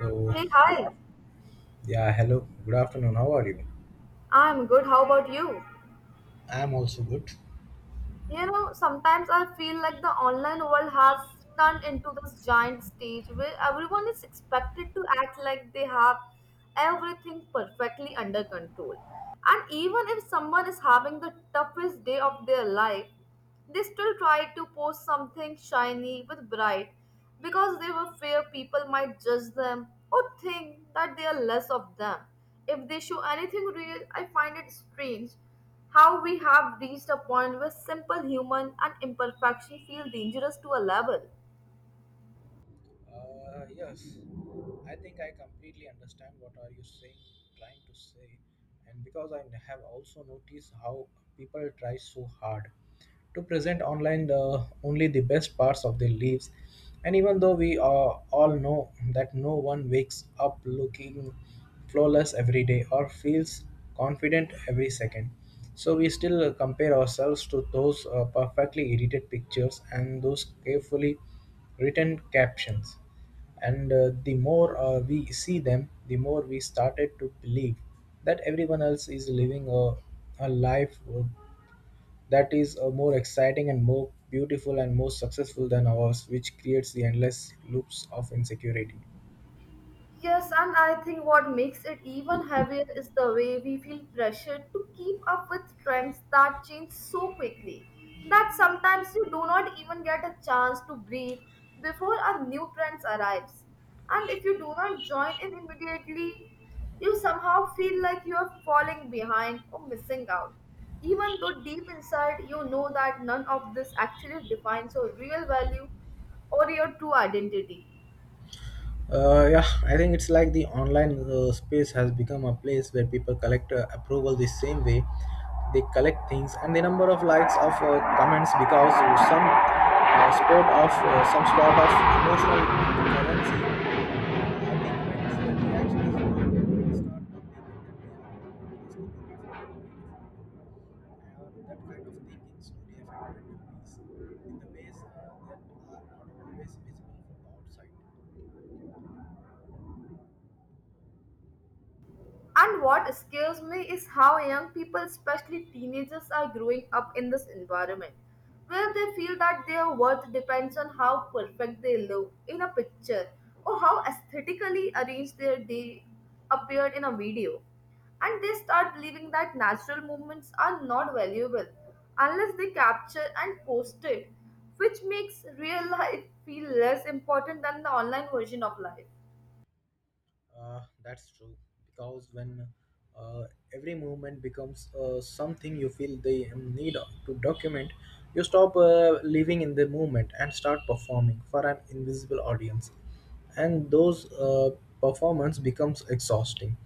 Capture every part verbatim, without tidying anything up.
So, Hey, good hi. af- yeah, hello. Good afternoon. How are you? I'm good. How about you? I'm also good. You know, sometimes I feel like the online world has turned into this giant stage where everyone is expected to act like they have everything perfectly under control. And even if someone is having the toughest day of their life, they still tried to post something shiny with bright because they were fear people might judge them or think that they are less of them. If they show anything real, I find it strange how we have reached a point where simple human and imperfection feel dangerous to a level. Uh, yes, I think I completely understand what are you saying, trying to say. And because I have also noticed how people try so hard to present online the only the best parts of their lives, and even though we uh, all know that no one wakes up looking flawless every day or feels confident every second, so we still compare ourselves to those uh, perfectly edited pictures and those carefully written captions and uh, the more uh, we see them, the more we started to believe that everyone else is living a, a life uh, that is uh, more exciting and more beautiful and more successful than ours, which creates the endless loops of insecurity. Yes, and I think what makes it even heavier is the way we feel pressured to keep up with trends that change so quickly that sometimes you do not even get a chance to breathe before a new trend arrives. And if you do not join in immediately, you somehow feel like you are falling behind or missing out, even though deep inside you know that none of this actually defines your real value or your true identity. Uh, yeah, I think it's like the online uh, space has become a place where people collect uh, approval the same way they collect things, and the number of likes of uh, comments because uh, some uh, sport of uh, some sort of emotional currency. I think when it's the reaction is not when the people that they that kind of thinking slowly affected the peace in the ways uh, that are not always visible from the outside. And what scares me is how young people, especially teenagers, are growing up in this environment where they feel that their worth depends on how perfect they look in a picture or how aesthetically arranged their day appeared in a video. And they start believing that natural movements are not valuable unless they capture and post it, which makes real life feel less important than the online version of life. Uh, that's true. Because when uh, every movement becomes uh, something you feel the um, need to document, you stop uh, living in the movement and start performing for an invisible audience. And those uh, performance becomes exhausting.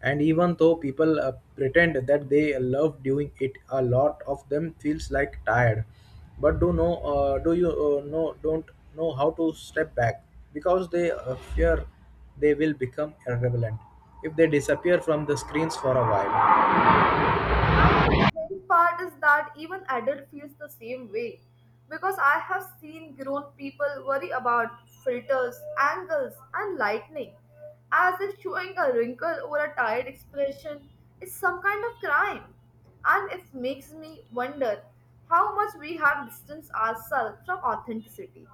And even though people uh, pretend that they love doing it, a lot of them feels like tired. But do know, uh, do you uh, know? Don't know how to step back because they uh, fear they will become irrelevant if they disappear from the screens for a while. And the strange part is that even adult feels the same way because I have seen grown people worry about filters, angles, and lightning as if showing a wrinkle or a tired expression is some kind of crime. And it makes me wonder how much we have distanced ourselves from authenticity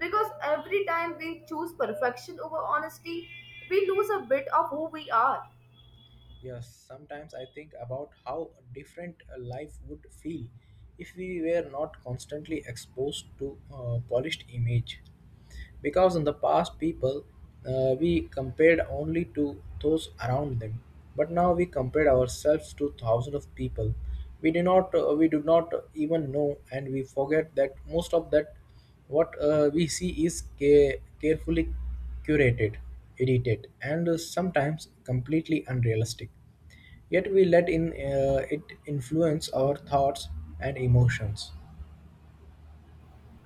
because every time we choose perfection over honesty, we lose a bit of who we are. Yes, sometimes I think about how different a life would feel if we were not constantly exposed to a polished image. Because in the past people uh, we compared only to those around them, but now we compare ourselves to thousands of people we do not uh, we do not even know, and we forget that most of that what uh, we see is ca- carefully curated, edited, and uh, sometimes completely unrealistic, yet we let in uh, it influence our thoughts and emotions.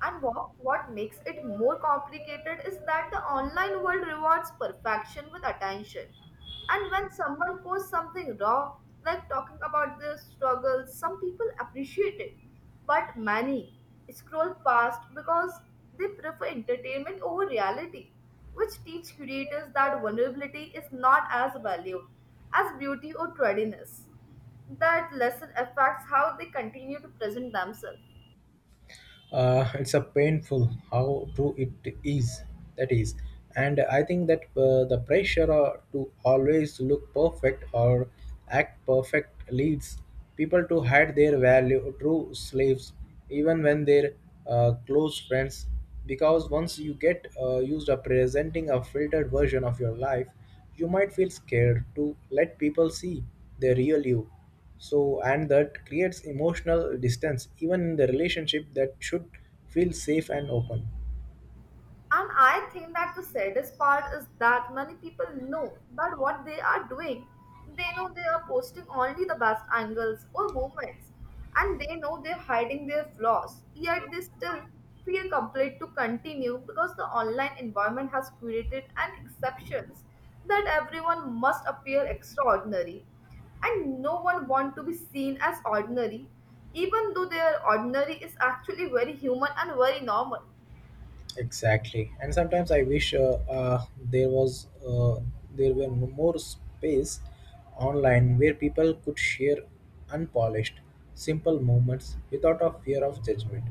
And what, what makes it more complicated is that the online world rewards perfection with attention. And when someone posts something raw, like talking about their struggles, some people appreciate it. But many scroll past because they prefer entertainment over reality, which teach creators that vulnerability is not as valued as beauty or tardiness. That lesson affects how they continue to present themselves. Uh, it's a painful how true it is, that is. And I think that uh, the pressure uh, to always look perfect or act perfect leads people to hide their value true slaves even when they're uh, close friends, because once you get uh, used to presenting a filtered version of your life, you might feel scared to let people see the real you. So and that creates emotional distance even in the relationship that should feel safe and open. And I think that the saddest part is that many people know that what they are doing. They know they are posting only the best angles or moments, and they know they're hiding their flaws, yet they still feel compelled to continue because the online environment has created an exceptions that everyone must appear extraordinary. And no one wants to be seen as ordinary, even though their ordinary is actually very human and very normal. Exactly, and sometimes i wish uh, uh, there was uh, there were more space online where people could share unpolished simple moments without a fear of judgment,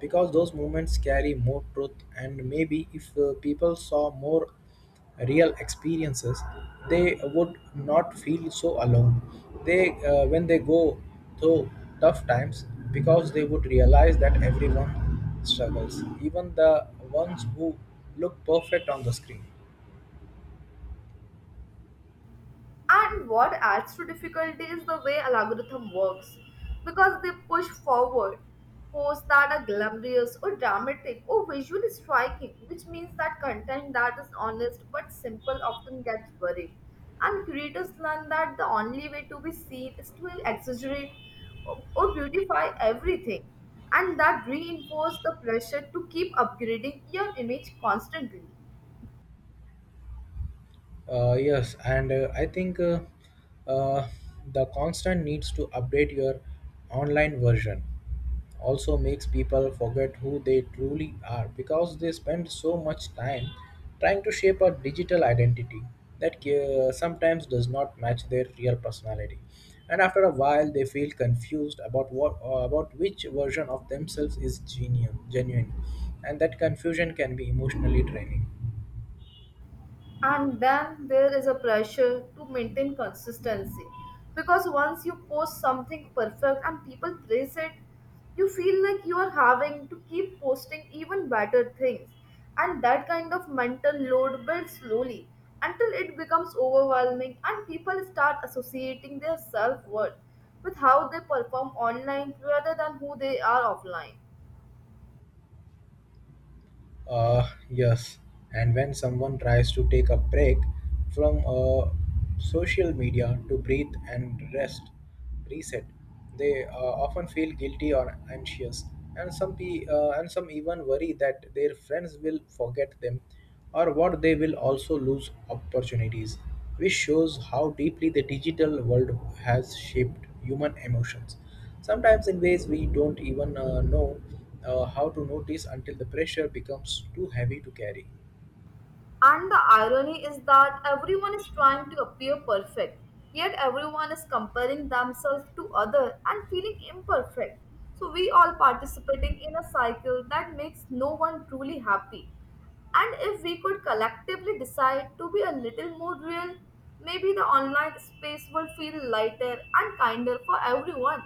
because those moments carry more truth. And maybe if uh, people saw more real experiences, they would not feel so alone. They uh, when they go through tough times, because they would realize that everyone struggles, even the ones who look perfect on the screen. And what adds to difficulty is the way algorithm works, because they push forward posts that are glamorous or dramatic or visually striking, which means that content that is honest but simple often gets buried. And creators learn that the only way to be seen is to exaggerate or or beautify everything, and that reinforces the pressure to keep upgrading your image constantly. Uh, yes, and uh, I think uh, uh, the constant needs to update your online version also makes people forget who they truly are, because they spend so much time trying to shape a digital identity that uh, sometimes does not match their real personality. And after a while, they feel confused about what uh, about which version of themselves is genuine, genuine, and that confusion can be emotionally draining. And then there is a pressure to maintain consistency, because once you post something perfect and people praise it, you feel like you are having to keep posting even better things, and that kind of mental load builds slowly until it becomes overwhelming, and people start associating their self-worth with how they perform online rather than who they are offline. Uh, yes, and when someone tries to take a break from uh, social media to breathe and rest, reset, they uh, often feel guilty or anxious, and some pe- uh, and some even worry that their friends will forget them, or what they will also lose opportunities, which shows how deeply the digital world has shaped human emotions, sometimes in ways we don't even uh, know uh, how to notice until the pressure becomes too heavy to carry. And the irony is that everyone is trying to appear perfect, yet everyone is comparing themselves to other and feeling imperfect. So we all participating in a cycle that makes no one truly happy. And if we could collectively decide to be a little more real, maybe the online space will feel lighter and kinder for everyone.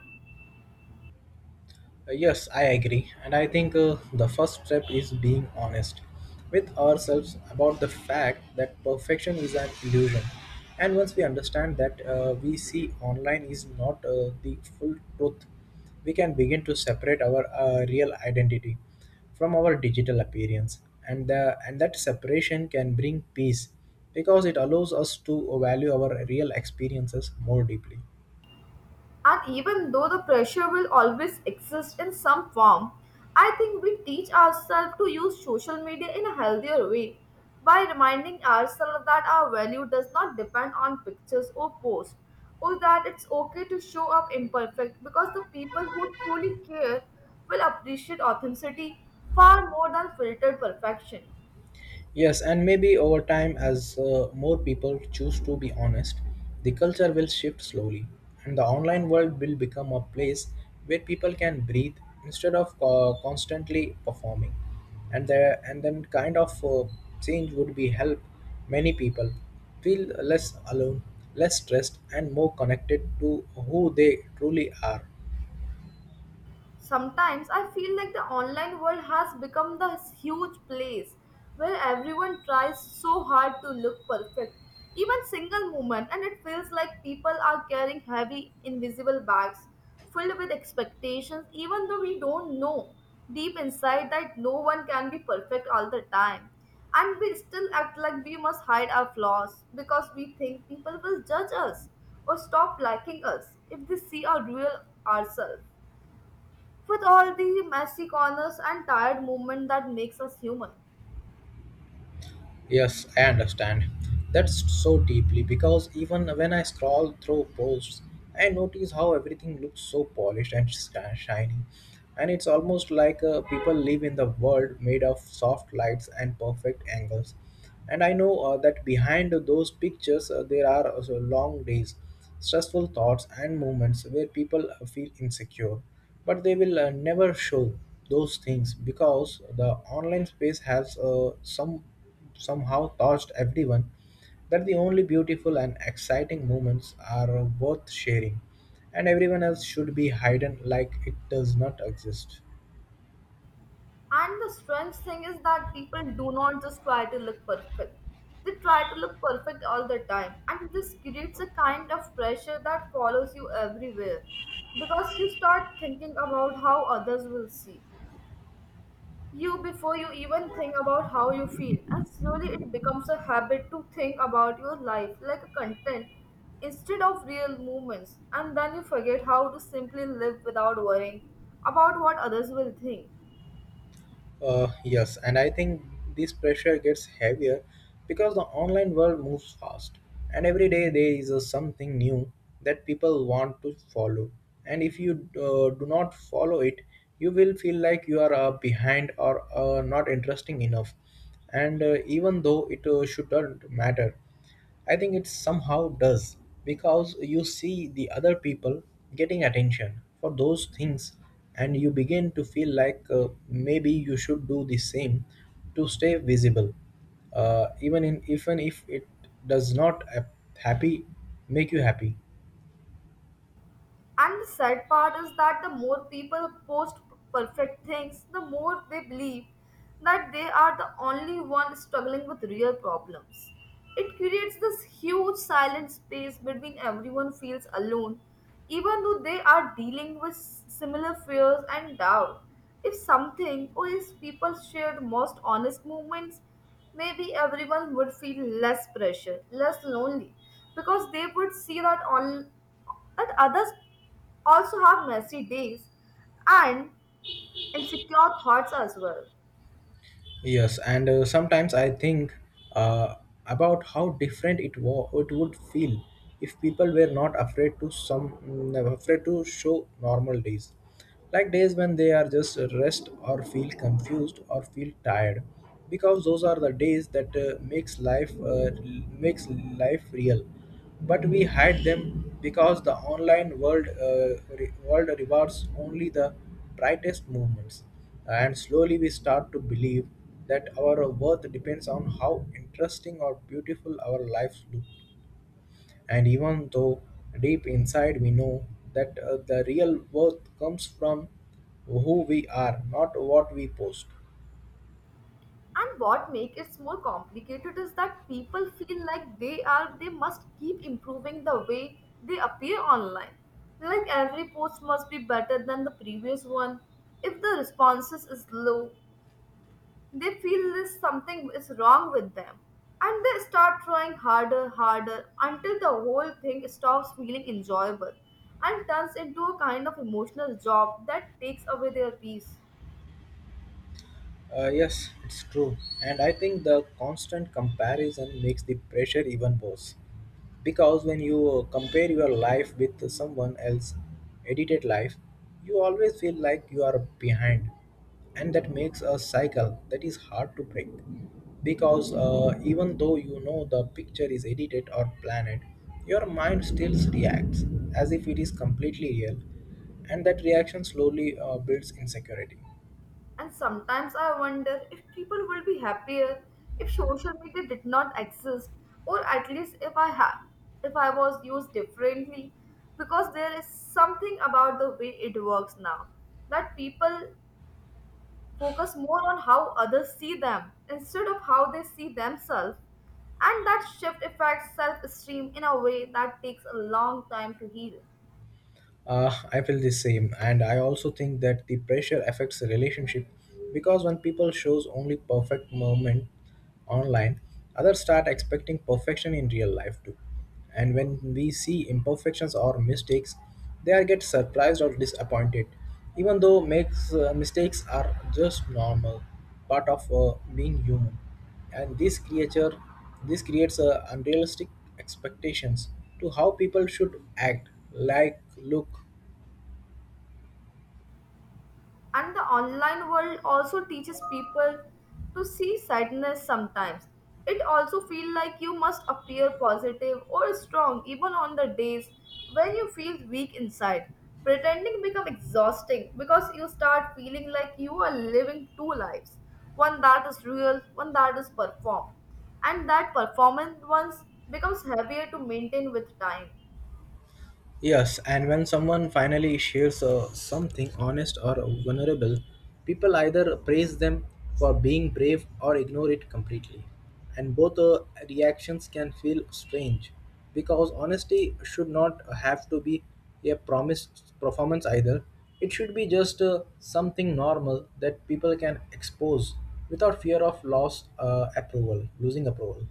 Uh, Yes, I agree. And I think uh, the first step is being honest with ourselves about the fact that perfection is an illusion. And once we understand that uh, we see online is not uh, the full truth, we can begin to separate our uh, real identity from our digital appearance. And, uh, and that separation can bring peace because it allows us to value our real experiences more deeply. And even though the pressure will always exist in some form, I think we teach ourselves to use social media in a healthier way by reminding ourselves that our value does not depend on pictures or posts, or that it's okay to show up imperfect because the people who truly care will appreciate authenticity far more than filtered perfection. Yes, and maybe over time, as uh, more people choose to be honest, the culture will shift slowly, and the online world will become a place where people can breathe instead of uh, constantly performing. And there, and then kind of uh, change would be help many people feel less alone, less stressed, and more connected to who they truly are. Sometimes I feel like the online world has become this huge place where everyone tries so hard to look perfect, even single moment, and it feels like people are carrying heavy, invisible bags filled with expectations, even though we don't know deep inside that no one can be perfect all the time. And we still act like we must hide our flaws because we think people will judge us or stop liking us if they see our real ourselves with all the messy corners and tired movement that makes us human. Yes, I understand that's so deeply, because even when I scroll through posts, I notice how everything looks so polished and sh- shiny. And it's almost like uh, people live in the world made of soft lights and perfect angles. And I know uh, that behind those pictures, uh, there are also long days, stressful thoughts, and moments where people uh, feel insecure. But they will uh, never show those things because the online space has uh, some somehow touched everyone, that the only beautiful and exciting moments are worth sharing, and everyone else should be hidden like it does not exist. And the strange thing is that people do not just try to look perfect. They try to look perfect all the time. And this creates a kind of pressure that follows you everywhere. Because you start thinking about how others will see you before you even think about how you feel, and slowly it becomes a habit to think about your life like a content instead of real moments, and then you forget how to simply live without worrying about what others will think. Uh, yes, and I think this pressure gets heavier because the online world moves fast, and every day there is uh, something new that people want to follow. And if you uh, do not follow it, you will feel like you are uh, behind or uh, not interesting enough. And uh, even though it uh, shouldn't matter, I think it somehow does, because you see the other people getting attention for those things, and you begin to feel like uh, maybe you should do the same to stay visible, uh, even in even if it does not uh, happy make you happy. And the sad part is that the more people post perfect things, the more they believe that they are the only one struggling with real problems. It creates this huge silent space between everyone feels alone, even though they are dealing with similar fears and doubt. If something or if people shared most honest moments, maybe everyone would feel less pressure, less lonely, because they would see that all and others also have messy days and insecure thoughts as well. Yes, and uh, sometimes I think uh, about how different it wa- it would feel if people were not afraid to some mm, afraid to show normal days, like days when they are just rest or feel confused or feel tired, because those are the days that uh, makes life uh, makes life real. But we hide them because the online world uh, re- world rewards only the brightest moments, and slowly we start to believe that our worth depends on how interesting or beautiful our lives look. And even though deep inside we know that uh, the real worth comes from who we are, not what we post. And what makes it more complicated is that people feel like they are they must keep improving the way they appear online. Like every post must be better than the previous one. If the responses is low, they feel this something is wrong with them and they start trying harder, harder until the whole thing stops feeling enjoyable and turns into a kind of emotional job that takes away their peace. Uh, yes, it's true. And I think the constant comparison makes the pressure even worse, because when you compare your life with someone else's edited life, you always feel like you are behind, and that makes a cycle that is hard to break, because uh, even though you know the picture is edited or planned, your mind still reacts as if it is completely real, and that reaction slowly uh, builds insecurity. And sometimes I wonder if people would be happier if social media did not exist, or at least if I ha- if I was used differently, because there is something about the way it works now that people focus more on how others see them instead of how they see themselves. And that shift affects self esteem in a way that takes a long time to heal. Uh, I feel the same, and I also think that the pressure affects the relationship, because when people shows only perfect moment online, others start expecting perfection in real life too. And when we see imperfections or mistakes, they are get surprised or disappointed, even though makes uh, mistakes are just normal part of uh, being human. And this creature, this creates a unrealistic expectations to how people should act like look. And the online world also teaches people to see sadness sometimes. It also feels like you must appear positive or strong even on the days when you feel weak inside. Pretending becomes exhausting because you start feeling like you are living two lives, one that is real, one that is performed. And that performance once becomes heavier to maintain with time. Yes, and when someone finally shares uh, something honest or vulnerable, people either praise them for being brave or ignore it completely. And both uh, reactions can feel strange, because honesty should not have to be a promise performance either. It should be just uh, something normal that people can expose without fear of loss, uh, approval, losing approval.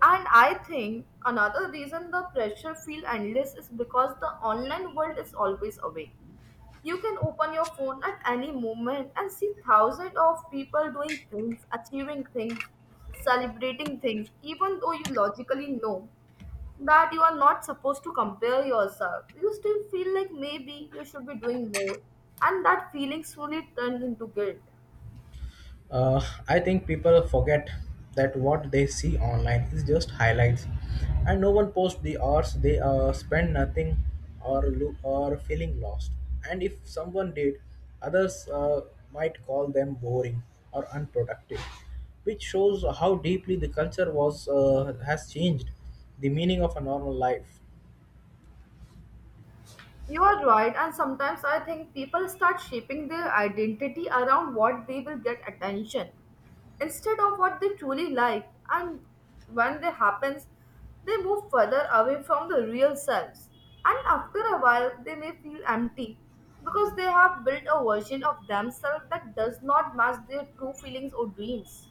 And I think another reason the pressure feel endless is because the online world is always away. You can open your phone at any moment and see thousands of people doing things, achieving things, celebrating things, even though you logically know that you are not supposed to compare yourself. You still feel like maybe you should be doing more, and that feeling slowly turns into guilt. Uh, I think people forget that what they see online is just highlights, and no one posts the hours they uh, spend nothing or look or feeling lost. And if someone did, others uh, might call them boring or unproductive, which shows how deeply the culture was uh, has changed the meaning of a normal life. You are right, and sometimes I think people start shaping their identity around what they will get attention instead of what they truly like, and when that happens, they move further away from the real selves. And after a while, they may feel empty because they have built a version of themselves that does not match their true feelings or dreams.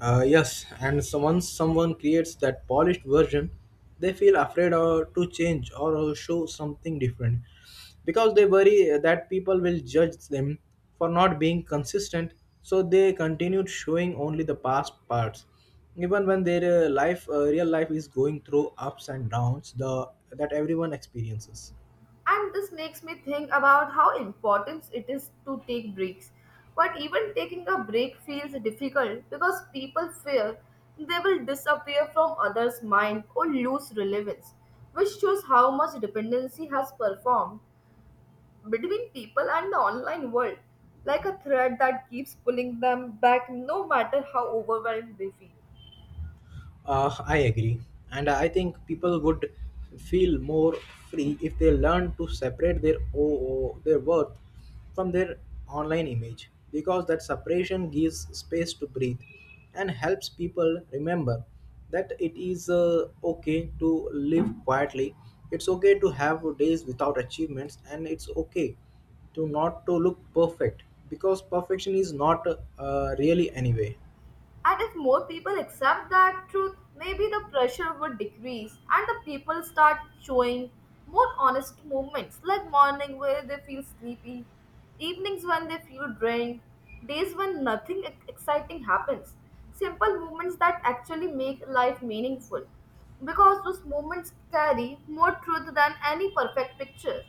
Uh, yes, and so once someone creates that polished version, they feel afraid or to change or show something different because they worry that people will judge them for not being consistent. So they continued showing only the past parts, even when their uh, life, uh, real life, is going through ups and downs. The that everyone experiences. And this makes me think about how important it is to take breaks. But even taking a break feels difficult because people fear they will disappear from others' mind or lose relevance, which shows how much dependency has performed between people and the online world, like a thread that keeps pulling them back no matter how overwhelmed they feel. Uh, I agree. And I think people would feel more free if they learn to separate their o- their worth from their online image, because that separation gives space to breathe and helps people remember that it is uh, okay to live quietly, it's okay to have days without achievements, and it's okay to not to look perfect, because perfection is not uh, really anyway. And if more people accept that truth, maybe the pressure would decrease and the people start showing more honest movements like morning where they feel sleepy, evenings when they feel drained, days when nothing ex- exciting happens. Simple movements that actually make life meaningful because those moments carry more truth than any perfect picture.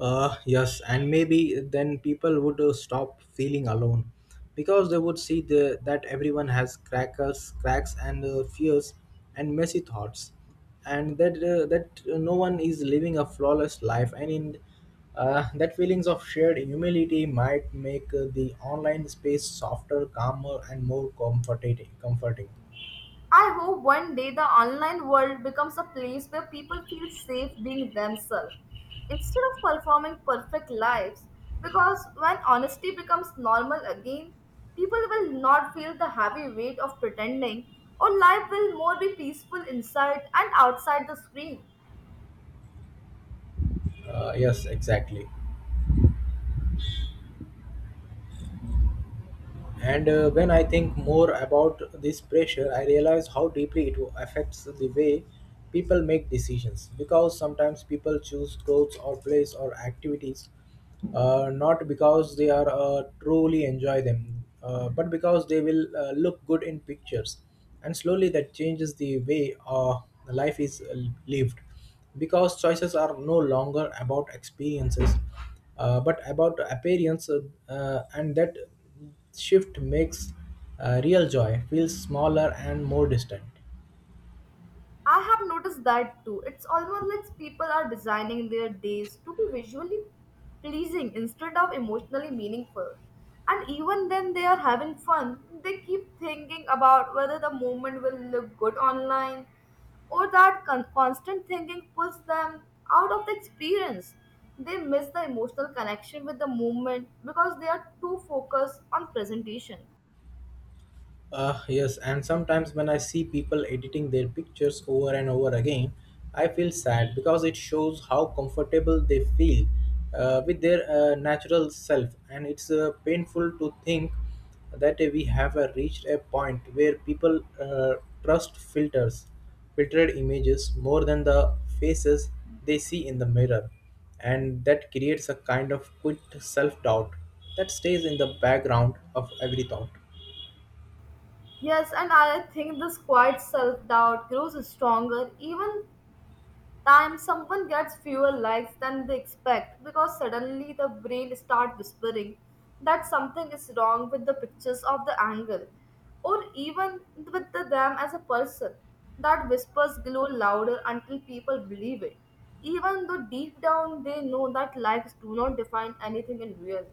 Uh, yes, and maybe then people would uh, stop feeling alone because they would see the, that everyone has crackers, cracks, and uh, fears and messy thoughts, and that uh, that uh, no one is living a flawless life. And in uh, that feelings of shared humility might make uh, the online space softer, calmer, and more comforting. Comforting. I hope one day the online world becomes a place where people feel safe being themselves instead of performing perfect lives. Because when honesty becomes normal again, people will not feel the heavy weight of pretending, or life will more be peaceful inside and outside the screen. Uh, yes, exactly. And uh, when I think more about this pressure, I realize how deeply it affects the way people make decisions. Because sometimes people choose clothes or place or activities, uh, not because they are uh, truly enjoy them, uh, but because they will uh, look good in pictures. And slowly that changes the way uh, life is uh, lived. Because choices are no longer about experiences, uh, but about appearance, uh, and that shift makes uh, real joy feel smaller and more distant. I have noticed that too. It's almost like people are designing their days to be visually pleasing instead of emotionally meaningful. And even then they are having fun, they keep thinking about whether the moment will look good online or that con- constant thinking pulls them out of the experience. They miss the emotional connection with the moment because they are too focused on presentation. Uh, yes, and sometimes when I see people editing their pictures over and over again, I feel sad because it shows how comfortable they feel uh, with their uh, natural self, and it's uh, painful to think that we have uh, reached a point where people uh, trust filters, filtered images more than the faces they see in the mirror, and that creates a kind of quit self doubt that stays in the background of every thought. Yes, and I think this quiet self doubt grows stronger even time someone gets fewer likes than they expect because suddenly the brain starts whispering that something is wrong with the pictures of the angle or even with the, them as a person. That whispers glow louder until people believe it even though deep down they know that likes do not define anything in real.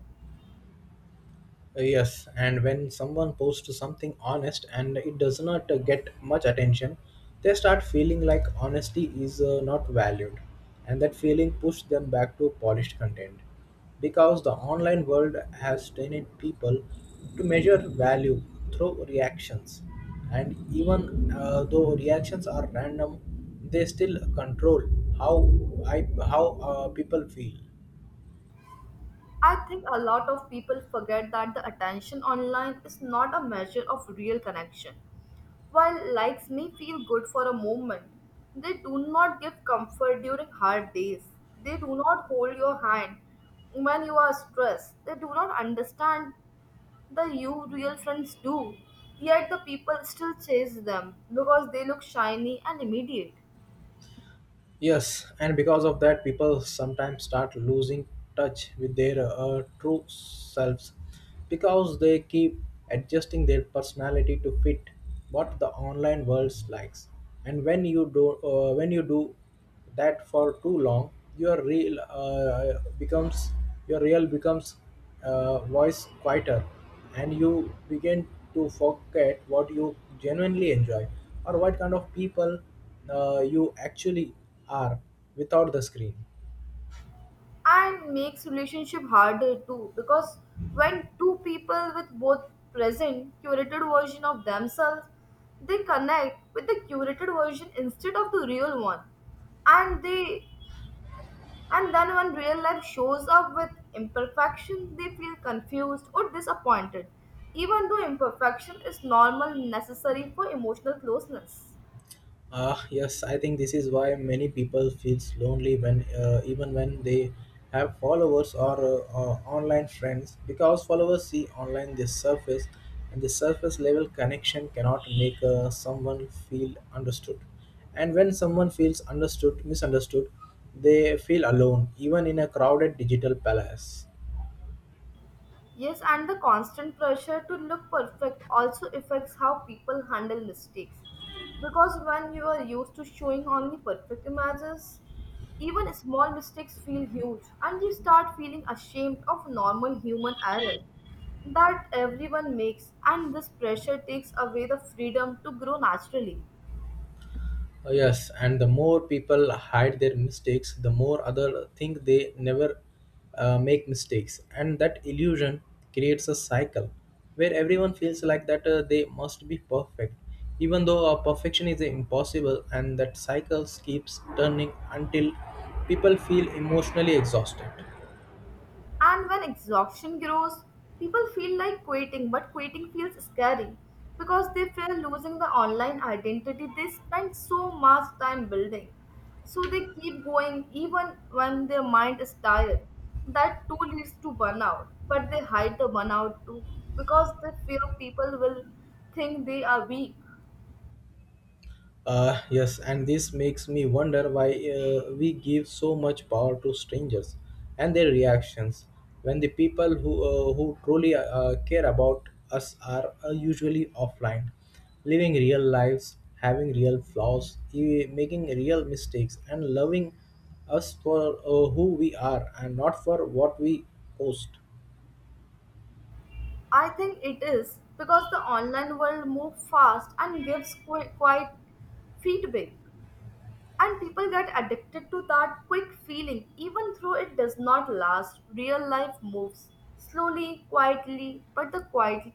Uh, Yes, and when someone posts something honest and it does not uh, get much attention, they start feeling like honesty is uh, not valued, and that feeling pushes them back to polished content. Because the online world has trained people to measure value through reactions, and even uh, though reactions are random, they still control how I how uh, people feel. I think a lot of people forget that the attention online is not a measure of real connection. While likes may feel good for a moment, they do not give comfort during hard days. They do not hold your hand when you are stressed. They do not understand the you real friends do. Yet the people still chase them because they look shiny and immediate. Yes, and because of that, people sometimes start losing touch with their uh, true selves because they keep adjusting their personality to fit what the online world likes. And when you do, uh, when you do that for too long, your real uh, becomes your real becomes uh, voice quieter, and you begin to forget what you genuinely enjoy or what kind of people uh, you actually are without the screen. And makes relationship harder too because when two people with both present curated version of themselves, they connect with the curated version instead of the real one, and they and then when real life shows up with imperfection they feel confused or disappointed even though imperfection is normal necessary for emotional closeness. Ah, yes, I think this is why many people feels lonely when uh, even when they have followers or uh, uh, online friends, because followers see online the surface, and the surface level connection cannot make uh, someone feel understood. And when someone feels understood, misunderstood, they feel alone even in a crowded digital palace. Yes, and the constant pressure to look perfect also affects how people handle mistakes. Because when you are used to showing only perfect images, even small mistakes feel huge, and you start feeling ashamed of normal human error that everyone makes, and this pressure takes away the freedom to grow naturally. Uh, yes, and the more people hide their mistakes, the more other think they never uh, make mistakes, and that illusion creates a cycle where everyone feels like that uh, they must be perfect, even though uh, perfection is impossible, and that cycle keeps turning until people feel emotionally exhausted. And when exhaustion grows, people feel like quitting, but quitting feels scary because they fear losing the online identity they spent so much time building. So they keep going even when their mind is tired. That too leads to burnout, but they hide the burnout too because they fear people will think they are weak. Uh, yes, and this makes me wonder why uh, we give so much power to strangers and their reactions when the people who, uh, who truly uh, care about us are uh, usually offline, living real lives, having real flaws, e- making real mistakes, and loving us for uh, who we are and not for what we post. I think it is because the online world moves fast and gives qui- quite feedback, and people get addicted to that quick feeling even though it does not last. Real life moves slowly, quietly, but the quiet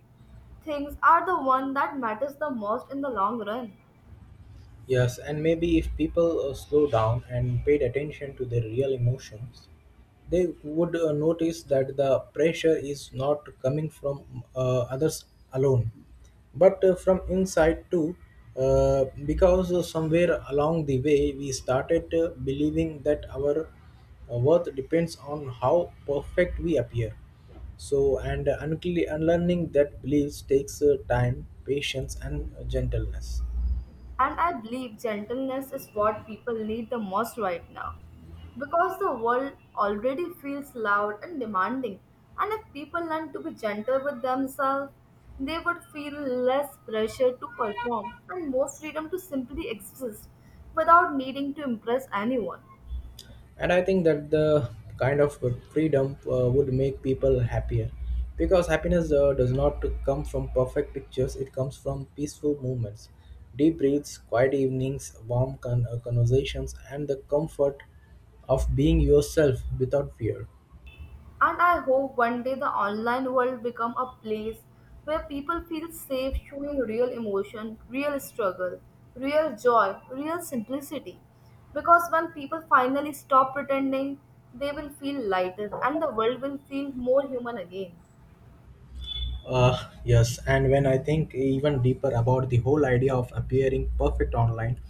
things are the one that matters the most in the long run. Yes, and maybe if people uh, slowed down and paid attention to their real emotions, they would uh, notice that the pressure is not coming from uh, others alone, but uh, from inside too. Uh, because uh, somewhere along the way, we started uh, believing that our uh, worth depends on how perfect we appear. So, and uh, uncle- unlearning that beliefs takes uh, time, patience, and gentleness. And I believe gentleness is what people need the most right now. Because the world already feels loud and demanding, and if people learn to be gentle with themselves, they would feel less pressure to perform and more freedom to simply exist without needing to impress anyone. And I think that the kind of freedom uh, would make people happier, because happiness uh, does not come from perfect pictures, it comes from peaceful moments, deep breaths, quiet evenings, warm con- uh, conversations, and the comfort of being yourself without fear. And I hope one day the online world become a place where people feel safe showing real emotion, real struggle, real joy, real simplicity. Because when people finally stop pretending, they will feel lighter and the world will feel more human again. Uh, yes, and when I think even deeper about the whole idea of appearing perfect online,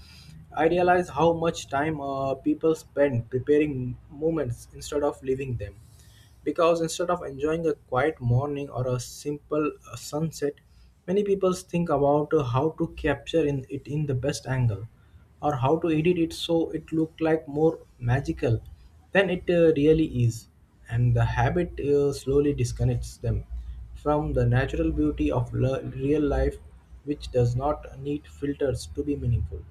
I realize how much time uh, people spend preparing moments instead of living them. Because instead of enjoying a quiet morning or a simple uh, sunset, many people think about uh, how to capture in, it in the best angle or how to edit it so it look like more magical than it uh, really is. And the habit uh, slowly disconnects them from the natural beauty of le- real life, which does not need filters to be meaningful.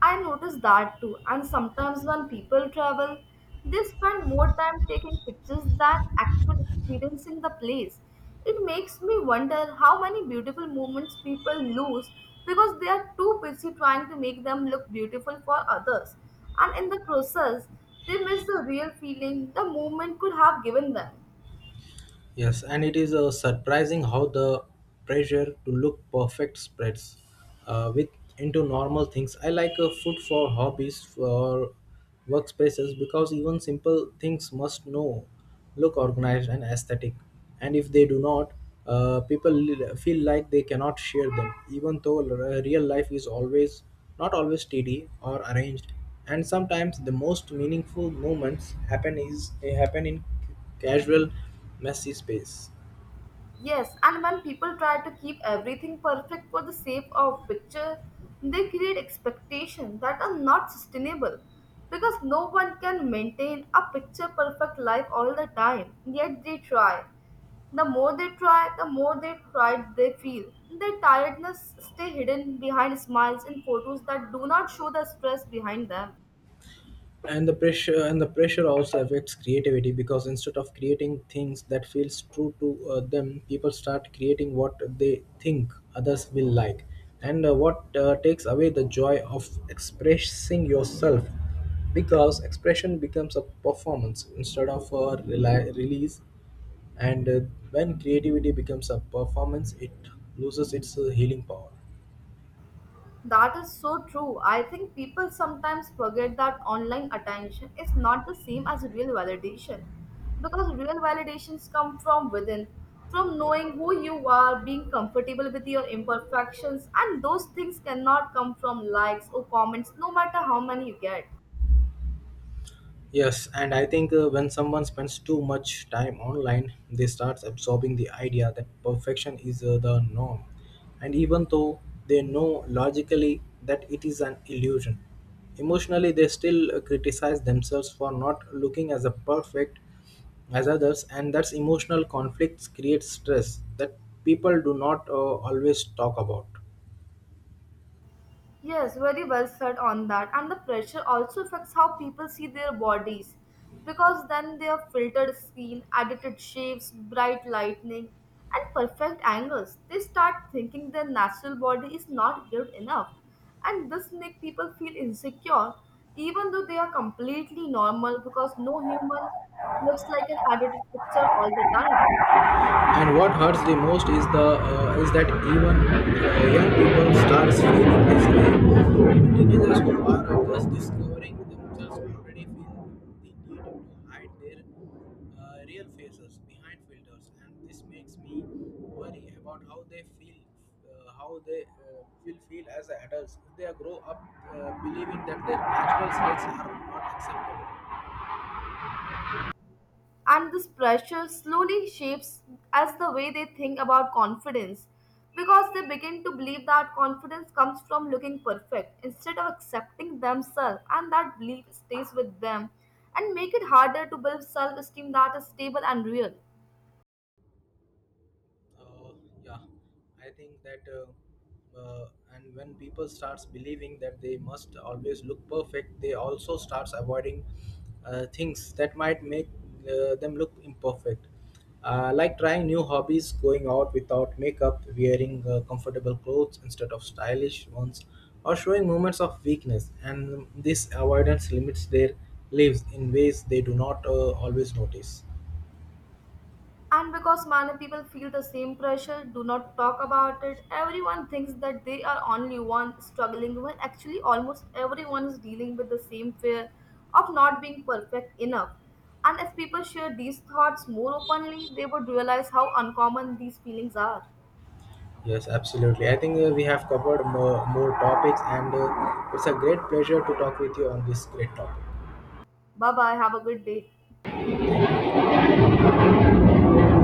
I notice that too, and sometimes when people travel, they spend more time taking pictures than actually experiencing the place. It makes me wonder how many beautiful moments people lose because they are too busy trying to make them look beautiful for others, and in the process, they miss the real feeling the moment could have given them. Yes, and it is uh, surprising how the pressure to look perfect spreads uh, with into normal things. I like uh, food for hobbies for workspaces, because even simple things must know look organized and aesthetic. And if they do not, uh, people li- feel like they cannot share them, even though r- real life is always not always steady or arranged. And sometimes the most meaningful moments happen is happen in casual, messy space. Yes, and when people try to keep everything perfect for the sake of picture, they create expectations that are not sustainable because no one can maintain a picture perfect life all the time, yet they try. The more they try, the more they tried they feel. Their tiredness stay hidden behind smiles and photos that do not show the stress behind them. And the pressure and the pressure also affects creativity, because instead of creating things that feels true to uh, them, people start creating what they think others will like, and uh, what uh, takes away the joy of expressing yourself, because expression becomes a performance instead of a reli- release. And uh, when creativity becomes a performance, it loses its uh, healing power. That is so true. I think people sometimes forget that online attention is not the same as real validation because real validations come from within, from knowing who you are, being comfortable with your imperfections, and those things cannot come from likes or comments, no matter how many you get. Yes, and I think uh, when someone spends too much time online, they start absorbing the idea that perfection is uh, the norm. And even though they know logically that it is an illusion, emotionally they still uh, criticize themselves for not looking as a perfect as others, and that's emotional conflicts create stress that people do not uh, always talk about. Yes, very well said on that. And the pressure also affects how people see their bodies because then they have filtered skin, edited shapes, bright lighting, and perfect angles. They start thinking their natural body is not good enough. And this makes people feel insecure even though they are completely normal because no human looks like an edited picture all the time. And what hurts the most is the uh, is that even uh, young people starts feeling this way. Even teenagers who are just discovering themselves already feel the need to hide their uh, real faces behind filters, and this makes me worry about how they feel, uh, how they uh, will feel as adults if they grow up uh, believing that their natural traits are not acceptable. And this pressure slowly shapes as the way they think about confidence because they begin to believe that confidence comes from looking perfect instead of accepting themselves, and that belief stays with them and make it harder to build self-esteem that is stable and real. Uh, yeah I think that uh, uh, and when people starts believing that they must always look perfect, they also starts avoiding uh, things that might make uh, them look imperfect, uh, like trying new hobbies, going out without makeup, wearing uh, comfortable clothes instead of stylish ones, or showing moments of weakness, and this avoidance limits their lives in ways they do not uh, always notice. And because many people feel the same pressure, do not talk about it, everyone thinks that they are only one struggling when actually almost everyone is dealing with the same fear of not being perfect enough. And if people share these thoughts more openly, they would realize how uncommon these feelings are. Yes, absolutely. I think uh, we have covered more, more topics, and uh, it's a great pleasure to talk with you on this great topic. Bye bye, have a good day.